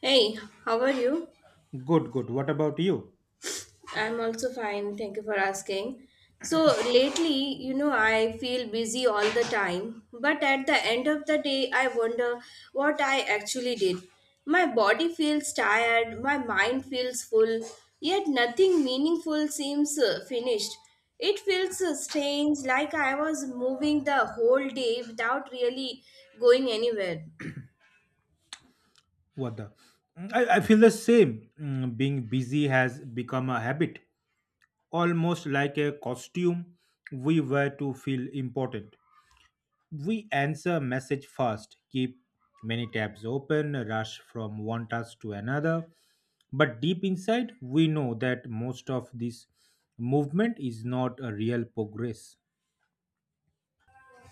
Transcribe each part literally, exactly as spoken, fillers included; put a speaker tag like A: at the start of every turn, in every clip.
A: Hey, how are you?
B: Good, good. What about you?
A: I'm also fine. Thank you for asking. So, lately, you know, I feel busy all the time, but at the end of the day, I wonder what I actually did. My body feels tired, my mind feels full, yet nothing meaningful seems uh, finished. It feels uh, strange, like I was moving the whole day without really going anywhere.
B: What the? I, I feel the same. Mm, Being busy has become a habit, almost like a costume we wear to feel important. We answer message fast, keep many tabs open, rush from one task to another. But deep inside, we know that most of this movement is not a real progress.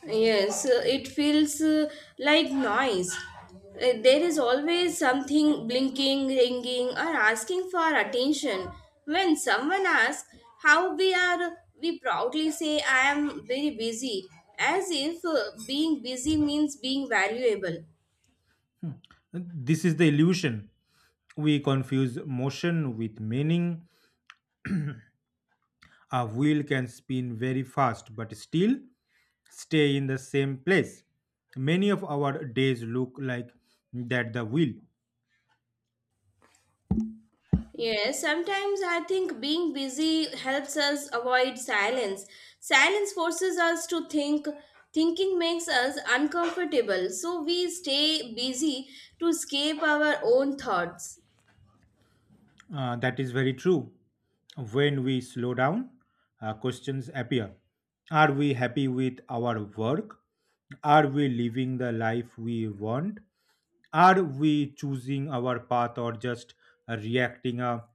A: Yes, uh, it feels uh, like noise. Uh, There is always something blinking, ringing, or asking for attention. When someone asks how we are, we proudly say, I am very busy, as if uh, being busy means being valuable.
B: This is the illusion. We confuse motion with meaning. A wheel can spin very fast but still stay in the same place. Many of our days look like that the wheel.
A: Yes, sometimes I think being busy helps us avoid silence. Silence forces us to think. Thinking makes us uncomfortable, so we stay busy to escape our own thoughts.
B: Uh, that is very true. When we slow down, uh, questions appear. Are we happy with our work? Are we living the life we want? Are we choosing our path or just uh, reacting uh,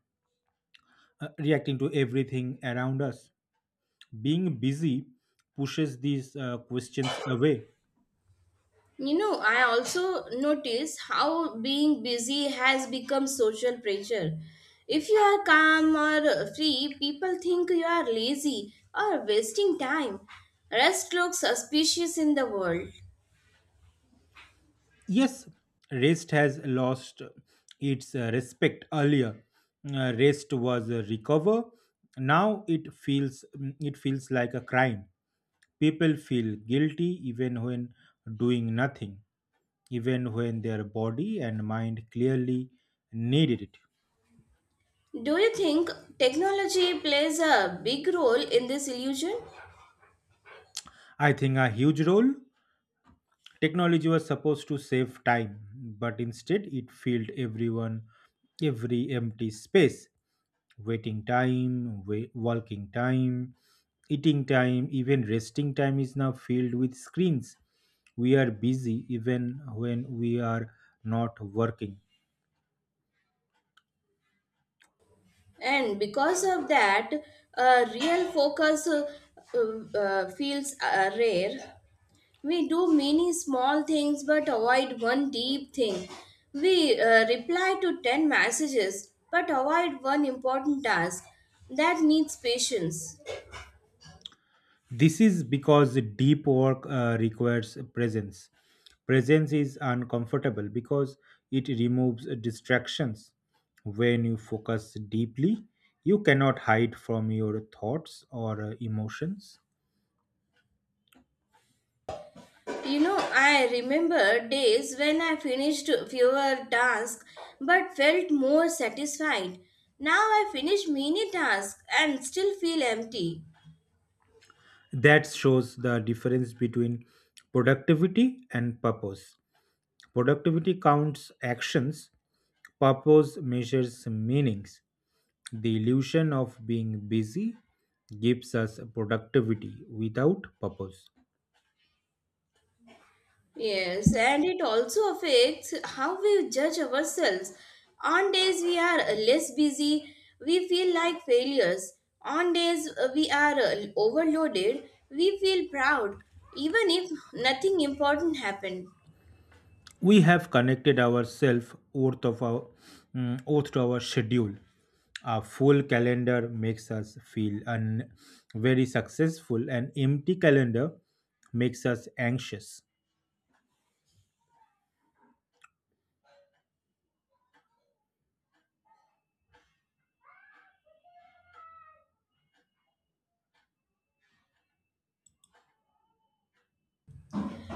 B: uh, reacting to everything around us? Being busy pushes these uh, questions away.
A: You know, I also notice how being busy has become social pressure. If you are calm or free, people think you are lazy or wasting time. Rest looks suspicious in the world.
B: Yes, rest has lost its uh, respect earlier. Uh, rest was a recover. Now it feels mm, it feels like a crime. People feel guilty even when doing nothing, even when their body and mind clearly needed it.
A: Do you think technology plays a big role in this illusion?
B: I think a huge role. Technology was supposed to save time, but instead it filled everyone, every empty space. Waiting time, wa- walking time, eating time, even resting time is now filled with screens. We are busy even when we are not working.
A: And because of that, a real focus uh, uh, feels uh, rare. We do many small things but avoid one deep thing. We uh, reply to ten messages but avoid one important task that needs patience.
B: This is because the deep work uh, requires presence. Presence is uncomfortable because it removes distractions. When you focus deeply, you cannot hide from your thoughts or uh, emotions.
A: You know, I remember days when I finished fewer tasks but felt more satisfied. Now I finish many tasks and still feel empty.
B: That shows the difference between productivity and purpose. Productivity counts actions, purpose measures meanings. The illusion of being busy gives us productivity without purpose.
A: Yes, and it also affects how we judge ourselves. On days we are less busy, we feel like failures. On days we are overloaded, we feel proud, even if nothing important happened.
B: We have connected ourselves oath of our mm, oath to our schedule. A full calendar makes us feel un- very successful. An empty calendar makes us anxious.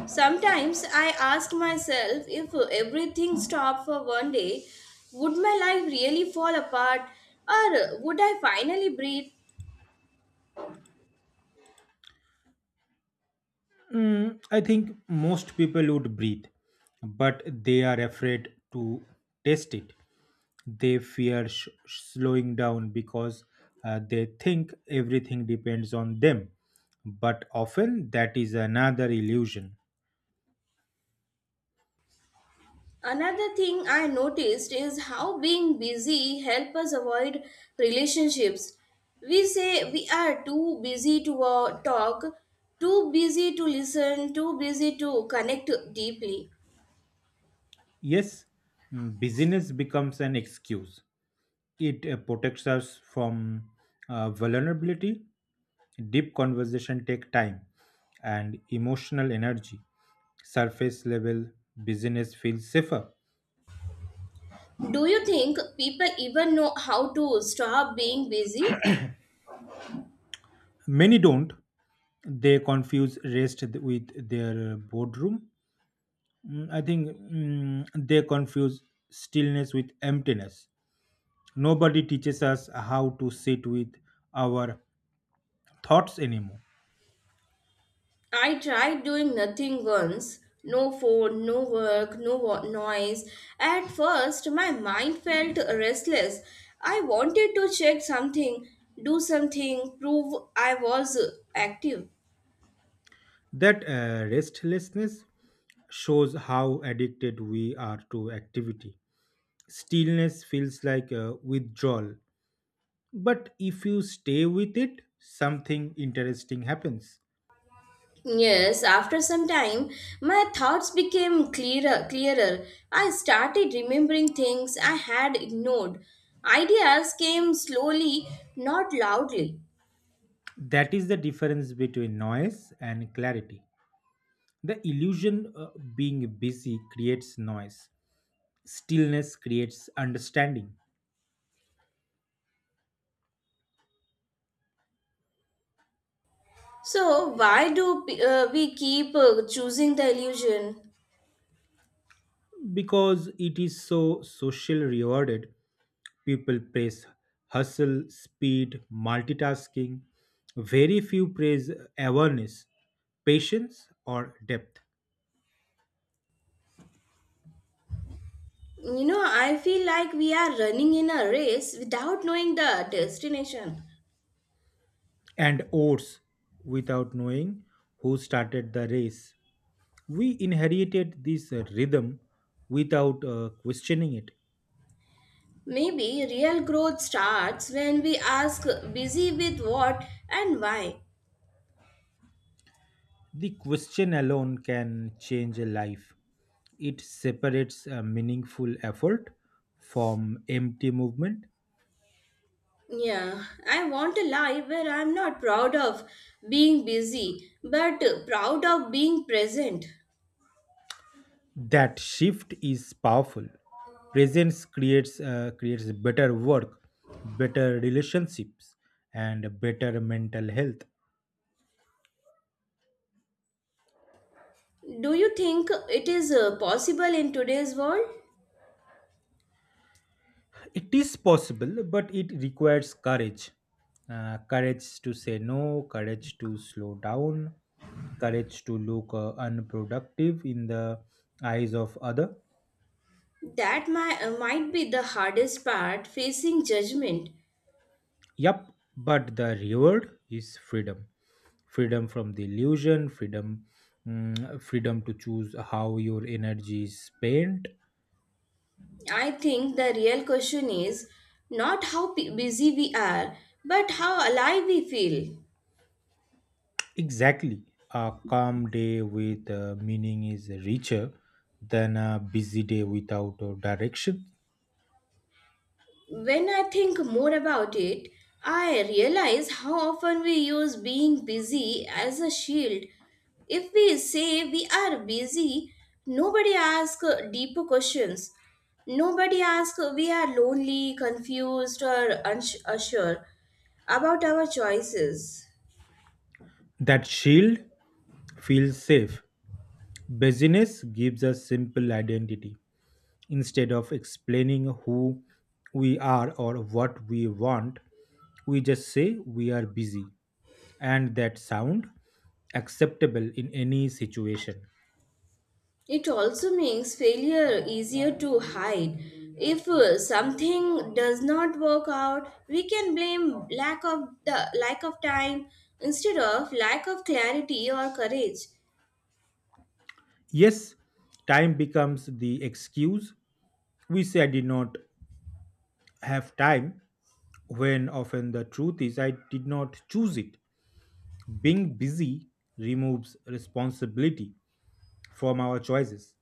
A: Sometimes I ask myself if everything stopped for one day, would my life really fall apart or would I finally breathe?
B: Mm, I think most people would breathe, but they are afraid to test it. They fear sh- slowing down because uh, they think everything depends on them. But often that is another illusion.
A: Another thing I noticed is how being busy helps us avoid relationships. We say we are too busy to uh, talk, too busy to listen, too busy to connect deeply.
B: Yes, mm, busyness becomes an excuse. It uh, protects us from uh, vulnerability. Deep conversation take time and emotional energy. Surface level business feels safer.
A: Do you think people even know how to stop being busy?
B: Many don't. They confuse rest with their uh, boardroom. Mm, I think mm, they confuse stillness with emptiness. Nobody teaches us how to sit with our thoughts anymore.
A: I tried doing nothing once. No phone, no work, no wo- noise. At first, my mind felt restless. I wanted to check something, do something, prove I was active.
B: That uh, restlessness shows how addicted we are to activity. Stillness feels like a withdrawal, but if you stay with it, something interesting happens.
A: Yes, after some time, my thoughts became clearer, clearer. I started remembering things I had ignored. Ideas came slowly, not loudly.
B: That is the difference between noise and clarity. The illusion of being busy creates noise, stillness creates understanding.
A: So, why do uh, we keep uh, choosing the illusion?
B: Because it is so social rewarded, people praise hustle, speed, multitasking. Very few praise awareness, patience, or depth.
A: You know, I feel like we are running in a race without knowing the destination.
B: And oars without knowing who started the race. We inherited this uh, rhythm without uh, questioning it.
A: Maybe real growth starts when we ask busy with what and why.
B: The question alone can change a life. It separates a meaningful effort from empty movement.
A: Yeah, I want a life where I'm not proud of being busy, but proud of being present.
B: That shift is powerful. Presence creates uh, creates better work, better relationships, and better mental health.
A: Do you think it is uh, possible in today's world?
B: It is possible, but it requires courage. Uh, courage to say no, courage to slow down, courage to look uh, unproductive in the eyes of other.
A: That might, might be the hardest part facing judgment.
B: Yup, but the reward is freedom. Freedom from the illusion, freedom mm, freedom to choose how your energy is spent.
A: I think the real question is not how p- busy we are, but how alive we feel.
B: Exactly. A calm day with uh, meaning is richer than a busy day without uh, direction.
A: When I think more about it, I realize how often we use being busy as a shield. If we say we are busy, nobody asks deeper questions. Nobody asks we are lonely, confused, or uns- unsure about our choices.
B: That shield feels safe. Busyness gives us simple identity. Instead of explaining who we are or what we want, we just say we are busy. And that sound acceptable in any situation.
A: It also makes failure easier to hide. If uh, something does not work out, we can blame lack of the lack of time instead of lack of clarity or courage.
B: Yes, time becomes the excuse. We say I did not have time when often the truth is I did not choose it. Being busy removes responsibility from our choices.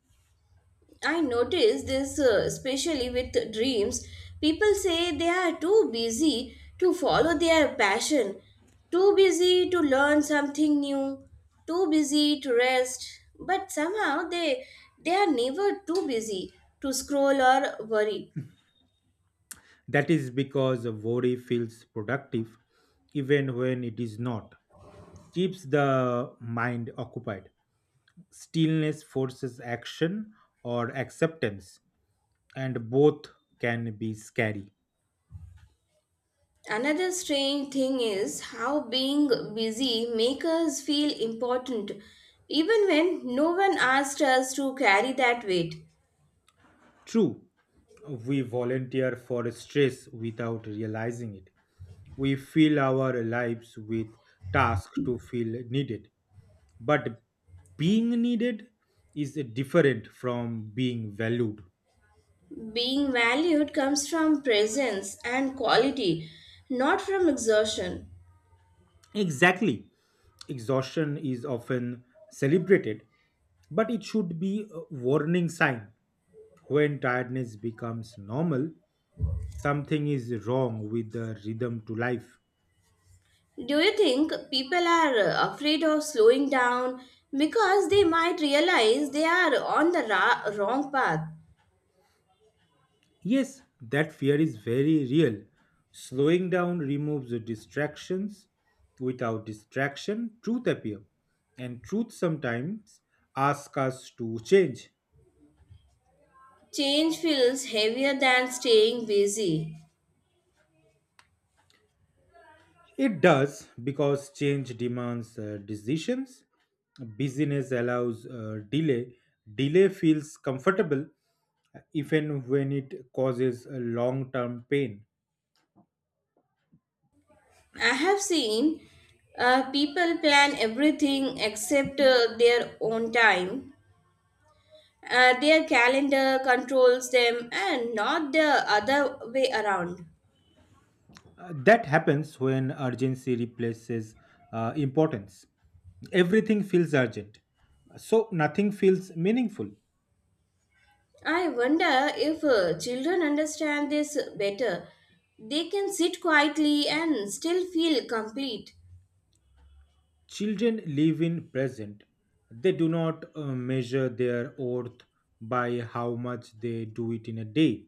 A: I notice this uh, especially with dreams. People say they are too busy to follow their passion, too busy to learn something new, too busy to rest, but somehow they they are never too busy to scroll or worry.
B: That is because worry feels productive even when it is not, keeps the mind occupied. Stillness forces action or acceptance, and both can be scary.
A: Another strange thing is how being busy makes us feel important even when no one asked us to carry that weight.
B: True, we volunteer for stress without realizing it. We fill our lives with tasks to feel needed. But being needed is different from being valued.
A: Being valued comes from presence and quality, not from exertion.
B: Exactly. Exhaustion is often celebrated, but it should be a warning sign. When tiredness becomes normal, something is wrong with the rhythm to life.
A: Do you think people are uh, afraid of slowing down because they might realize they are on the ra- wrong path?
B: Yes, that fear is very real. Slowing down removes the distractions. Without distraction, truth appears. And truth sometimes asks us to change.
A: Change feels heavier than staying busy.
B: It does because change demands uh, decisions. Busyness allows uh, delay. Delay feels comfortable even when it causes long term pain.
A: I have seen uh, people plan everything except uh, their own time. Uh, their calendar controls them and not the other way around.
B: Uh, that happens when urgency replaces uh, importance. Everything feels urgent, so nothing feels meaningful.
A: I wonder if uh, children understand this better. They can sit quietly and still feel complete.
B: Children live in present. They do not uh, measure their worth by how much they do it in a day.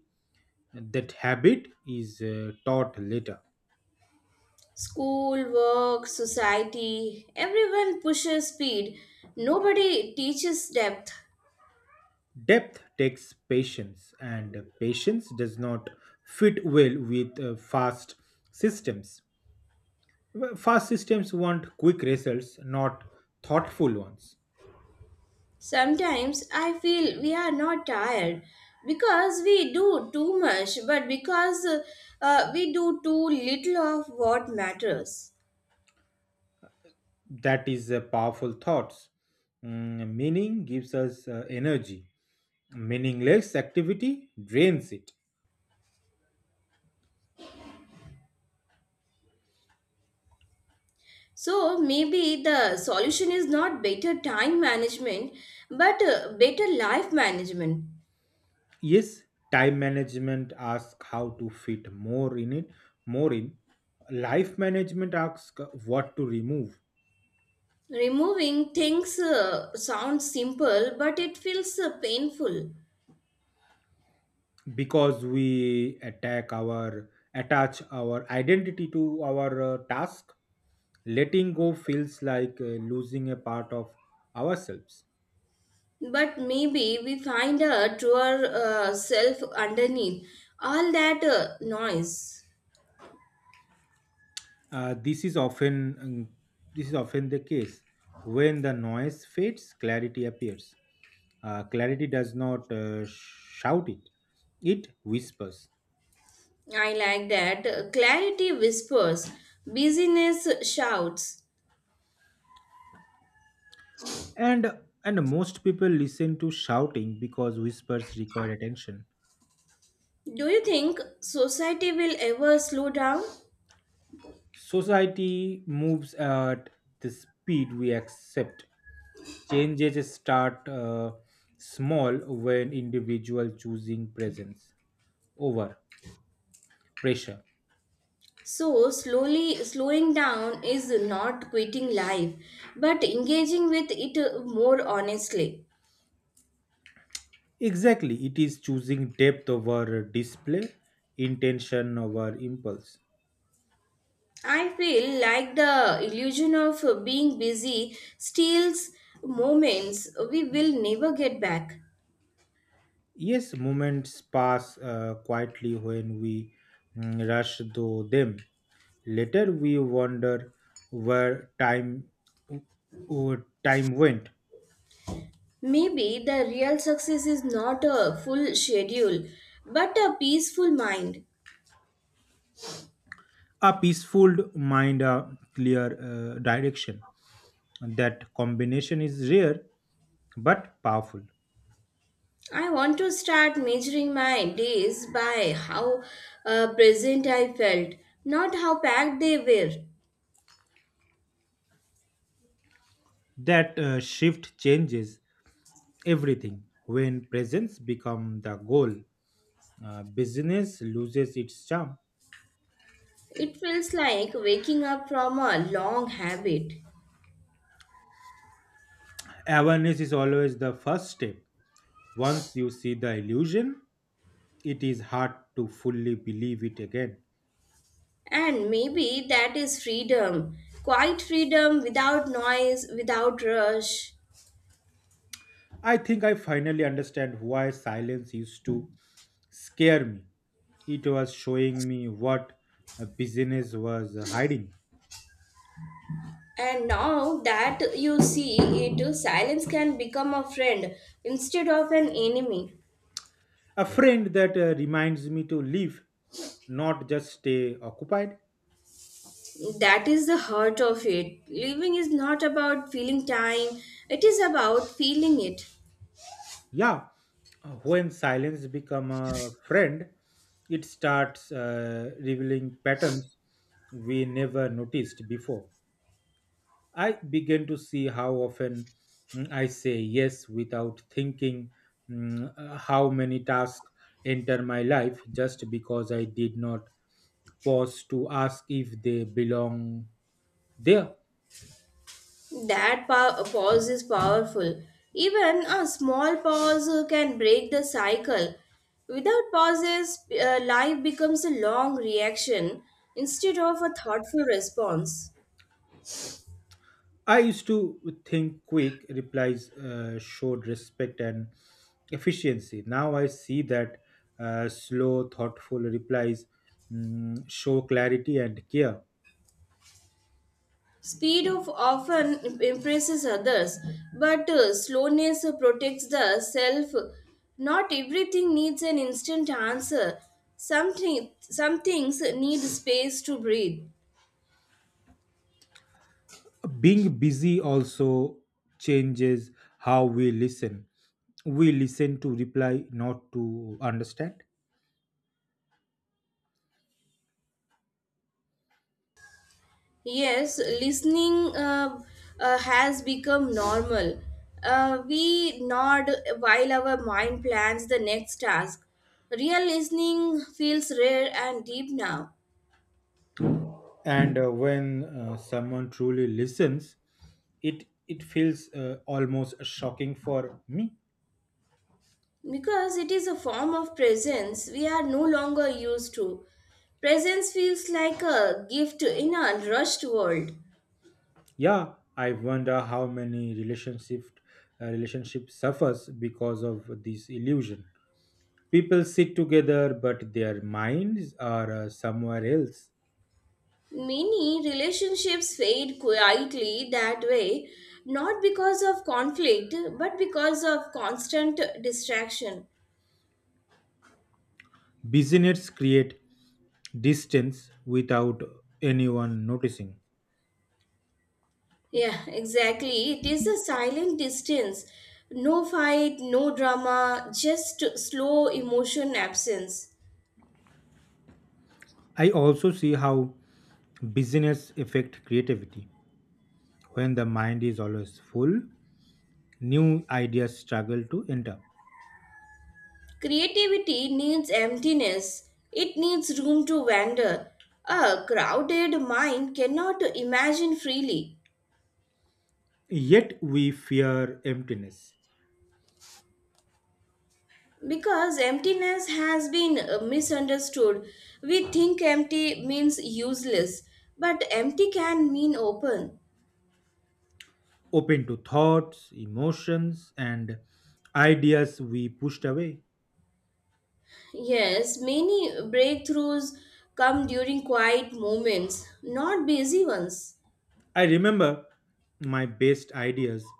B: That habit is uh, taught later.
A: School, work, society, everyone pushes speed. Nobody teaches depth.
B: Depth takes patience, and patience does not fit well with uh, fast systems. Well, fast systems want quick results, not thoughtful ones.
A: Sometimes I feel we are not tired because we do too much, but because uh, uh, we do too little of what matters.
B: That is a powerful thoughts. Mm, meaning gives us uh, energy. Meaningless activity drains it.
A: So maybe the solution is not better time management, but uh, better life management.
B: Yes, time management asks how to fit more in it, more in. Life management asks what to remove.
A: Removing things uh, sounds simple, but it feels uh, painful.
B: Because we attack our attach our identity to our uh, task. Letting go feels like uh, losing a part of ourselves.
A: But maybe we find a truer uh, self underneath all that uh, noise.
B: Uh, this is often um, this is often the case. When the noise fades, clarity appears. Uh, clarity does not uh, shout it; it whispers.
A: I like that. uh, Clarity whispers, busyness shouts.
B: And and most people listen to shouting because whispers require attention.
A: Do you think society will ever slow down?
B: Society moves at the speed we accept. Changes start uh, small when individual choosing presence over pressure.
A: So, slowly slowing down is not quitting life, but engaging with it uh, more honestly.
B: Exactly, it is choosing depth over display, intention over impulse.
A: I feel like the illusion of uh, being busy steals moments we will never get back.
B: Yes, moments pass uh, quietly when we mm, rush through them. Later, we wonder where time uh, where time went.
A: Maybe the real success is not a full schedule, but a peaceful mind.
B: A peaceful mind, a clear uh, direction. That combination is rare but powerful.
A: I want to start measuring my days by how uh, present I felt, not how packed they were.
B: That uh, shift changes everything when presence become the goal. Uh, business loses its charm.
A: It feels like waking up from a long habit.
B: Awareness is always the first step. Once you see the illusion, it is hard to fully believe it again.
A: And maybe that is freedom. Quiet freedom without noise, without rush.
B: I think I finally understand why silence used to scare me. It was showing me what a business was hiding.
A: And now that you see it, silence can become a friend instead of an enemy.
B: A friend that uh, reminds me to live, not just stay occupied.
A: That is the heart of it. Living is not about feeling time, it is about feeling it.
B: Yeah, uh, when silence become a friend, it starts uh, revealing patterns we never noticed before. I began to see how often mm, I say yes without thinking, mm, uh, how many tasks enter my life just because I did not pause to ask if they belong there.
A: That pow- pause is powerful. Even a small pause uh, can break the cycle. Without pauses, uh, life becomes a long reaction instead of a thoughtful response.
B: I used to think quick replies uh, showed respect and efficiency. Now I see that uh, slow, thoughtful replies mm, show clarity and care.
A: Speed of often im- impresses others, but uh, slowness uh, protects the self. Not everything needs an instant answer. Some, thi- some things need space to breathe.
B: Being busy also changes how we listen. We listen to reply, not to understand.
A: Yes, listening uh, uh, has become normal. Uh, we nod while our mind plans the next task. Real listening feels rare and deep now
B: And uh, when uh, someone truly listens, it it feels uh, almost shocking for me.
A: because it is a form of presence we are no longer used to. Presence feels like a gift in a rushed world.
B: Yeah, I wonder how many relationship uh, relationship suffers because of this illusion. People sit together but their minds are uh, somewhere else.
A: Many relationships fade quietly that way, not because of conflict, but because of constant distraction.
B: Business create distance without anyone noticing.
A: Yeah, exactly. It is a silent distance. No fight, no drama, just slow emotion absence.
B: I also see how business affect creativity. When the mind is always full, new ideas struggle to enter.
A: Creativity needs emptiness, it needs room to wander. A crowded mind cannot imagine freely
B: Yet we fear emptiness,
A: because emptiness has been uh, misunderstood. We think empty means useless, but empty can mean open.
B: open to thoughts, emotions, and ideas we pushed away.
A: Yes, many breakthroughs come during quiet moments, not busy ones.
B: I remember my best ideas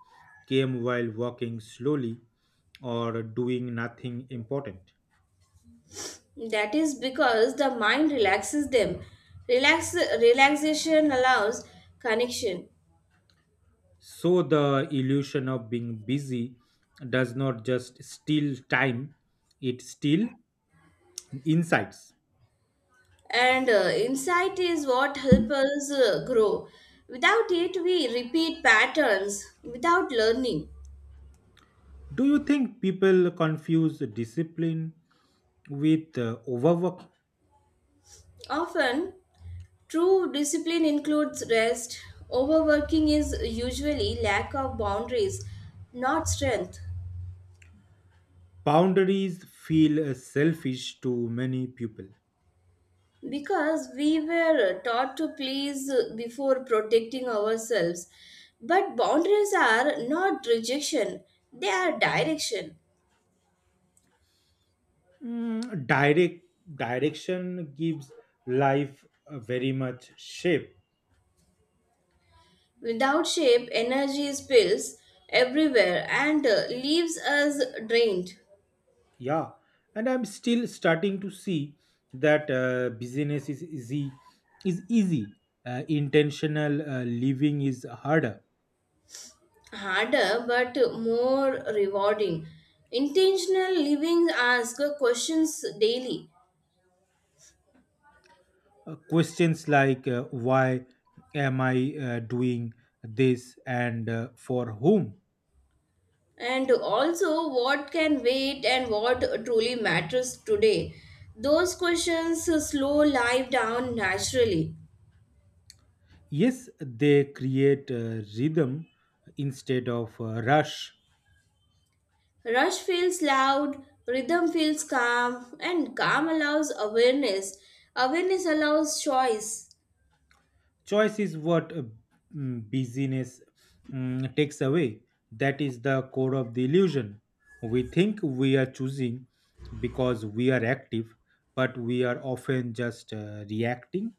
B: came while walking slowly or doing nothing important.
A: That is because the mind relaxes them. Relax, relaxation allows connection,
B: So the illusion of being busy does not just steal time, it steals insights.
A: and uh, insight is what helps us uh, grow. Without it, we repeat patterns without learning.
B: Do you think people confuse discipline with uh, overwork?
A: Often, true discipline includes rest. Overworking is usually lack of boundaries, not strength.
B: Boundaries feel uh, selfish to many people.
A: Because we were taught to please before protecting ourselves. But boundaries are not rejection, they are direction.
B: Mm, direct Direction gives life a very much shape.
A: Without shape, energy spills everywhere and uh, leaves us drained.
B: Yeah, and I'm still starting to see that uh, business is easy is easy uh, intentional uh, living is harder.
A: Harder but more rewarding. Intentional living asks questions daily.
B: Uh, questions like uh, why am I uh, doing this and uh, for whom.
A: And also, what can wait and what truly matters today? Those questions slow life down naturally.
B: Yes, they create uh, rhythm instead of uh, rush.
A: Rush feels loud, rhythm feels calm, and calm allows awareness. Awareness allows choice.
B: Choice is what uh, mm, busyness mm, takes away. That is the core of the illusion. We think we are choosing because we are active, but we are often just uh, reacting.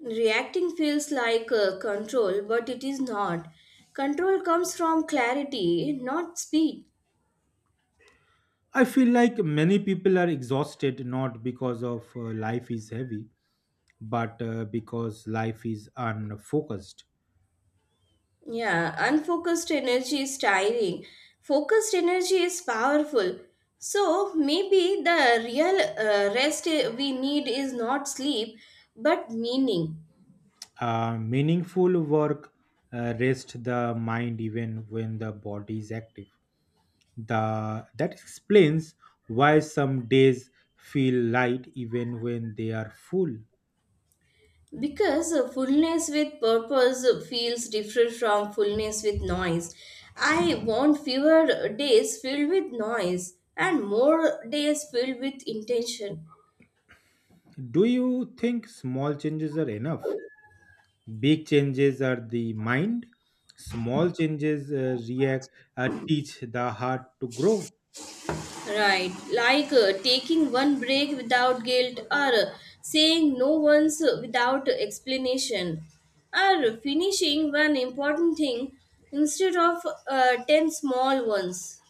A: Reacting feels like uh, control, but it is not. Control comes from clarity, not speed.
B: I feel like many people are exhausted not because of uh, life is heavy but uh, because life is unfocused.
A: Yeah, unfocused energy is tiring. Focused energy is powerful. So maybe the real uh, rest uh, we need is not sleep but meaning.
B: Uh, meaningful work uh, rest the mind even when the body is active. The, that explains why some days feel light even when they are full.
A: Because uh, fullness with purpose uh, feels different from fullness with noise. I want fewer days filled with noise and more days filled with intention.
B: Do you think small changes are enough? Big changes are the mind. Small changes uh, react, uh, teach the heart to grow.
A: Right, like uh, taking one break without guilt, or uh, saying no once without explanation, or finishing one important thing instead of uh, ten small ones.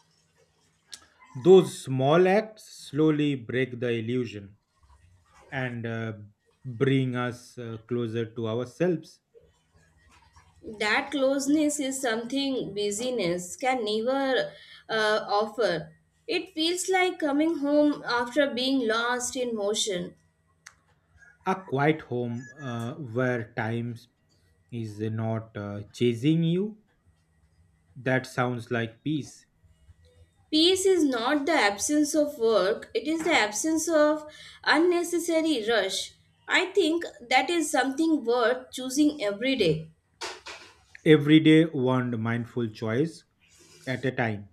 B: Those small acts slowly break the illusion and uh, bring us uh, closer to ourselves.
A: That closeness is something busyness can never uh, offer. It feels like coming home after being lost in motion.
B: A quiet home uh, where time is not uh, chasing you. That sounds like peace.
A: Peace is not the absence of work, it is the absence of unnecessary rush. I think that is something worth choosing every day.
B: Every day, one mindful choice at a time.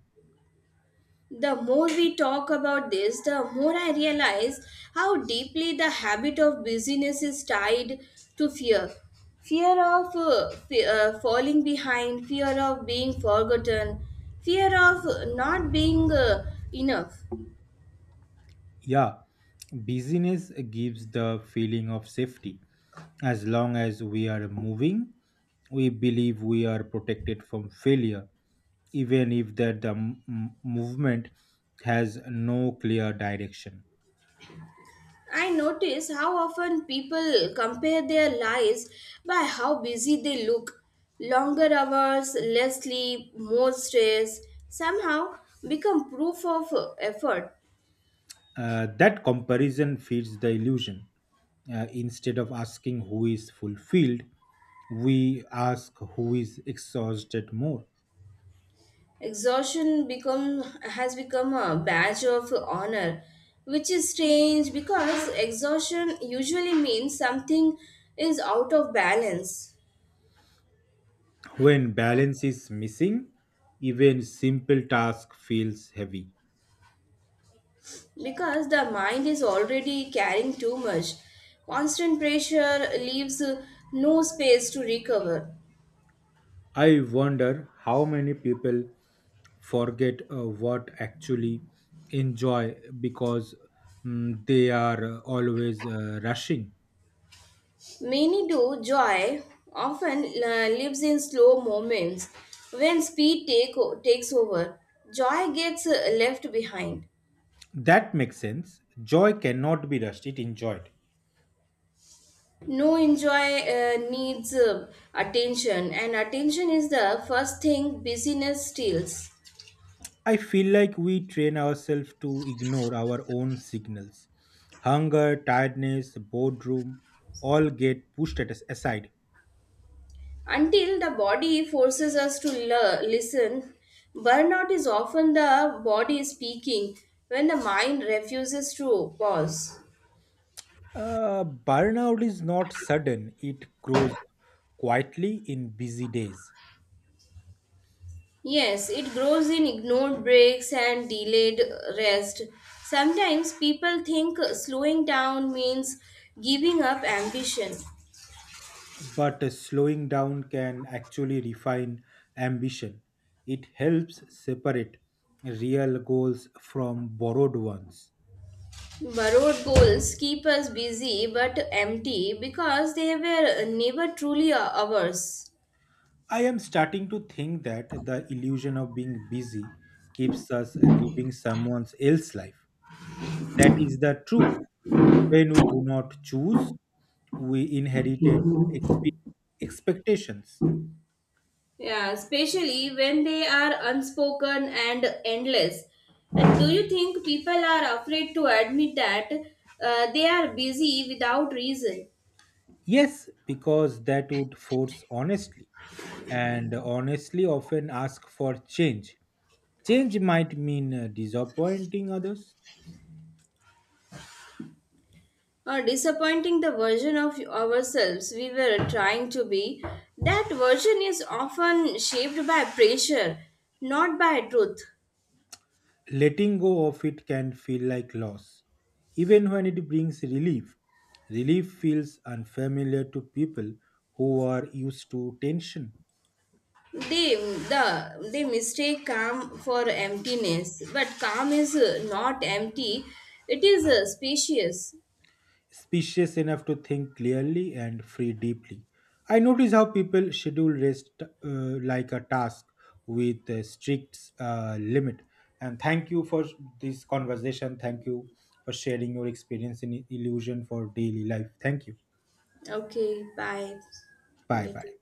A: The more we talk about this, the more I realize how deeply the habit of busyness is tied to fear. Fear of uh, fe- uh, falling behind, fear of being forgotten, fear of uh, not being uh, enough.
B: Yeah, busyness gives the feeling of safety. As long as we are moving, we believe we are protected from failure, even if that the m- m- movement has no clear direction.
A: I notice how often people compare their lives by how busy they look. Longer hours, less sleep, more stress somehow become proof of uh, effort.
B: Uh, that comparison feeds the illusion. Uh, instead of asking who is fulfilled, we ask who is exhausted more.
A: Exhaustion become has become a badge of honor, which is strange because exhaustion usually means something is out of balance.
B: When balance is missing, even simple task feels heavy.
A: Because the mind is already carrying too much. Constant pressure leaves uh, no space to recover.
B: I wonder how many people forget uh, what actually enjoy because mm, they are uh, always uh, rushing.
A: Many do joy often uh, lives in slow moments when speed take o- takes over. Joy gets uh, left behind.
B: That makes sense. Joy cannot be rushed, it enjoyed.
A: No enjoy uh, needs uh, attention, and attention is the first thing busyness steals.
B: I feel like we train ourselves to ignore our own signals. Hunger, tiredness, boredom all get pushed at us aside.
A: Until the body forces us to le- listen, burnout is often the body speaking when the mind refuses to pause.
B: Uh, burnout is not sudden, it grows quietly in busy days.
A: Yes, it grows in ignored breaks and delayed rest. Sometimes people think slowing down means giving up ambition.
B: But uh, slowing down can actually refine ambition. It helps separate real goals from borrowed ones.
A: Borrowed goals keep us busy but empty because they were never truly ours.
B: I am starting to think that the illusion of being busy keeps us living someone else's life. That is the truth. When we do not choose, we inherited expe- expectations.
A: Yeah, especially when they are unspoken and endless. And do you think people are afraid to admit that uh, they are busy without reason
B: Yes, because that would force honestly, and honestly often ask for change. Change might mean uh, disappointing others.
A: or disappointing the version of ourselves we were trying to be? That version is often shaped by pressure, not by truth.
B: Letting go of it can feel like loss, even when it brings relief. Relief feels unfamiliar to people who are used to tension,
A: They, the, they mistake calm for emptiness, but calm is uh, not empty, it is uh, spacious.
B: spacious enough to think clearly and free deeply. I notice how people schedule rest uh, like a task with a strict uh, limit. And thank you for this conversation. Thank you for sharing your experience in illusion for daily life. Thank you.
A: Okay, bye.
B: Bye bye.
A: Welcome.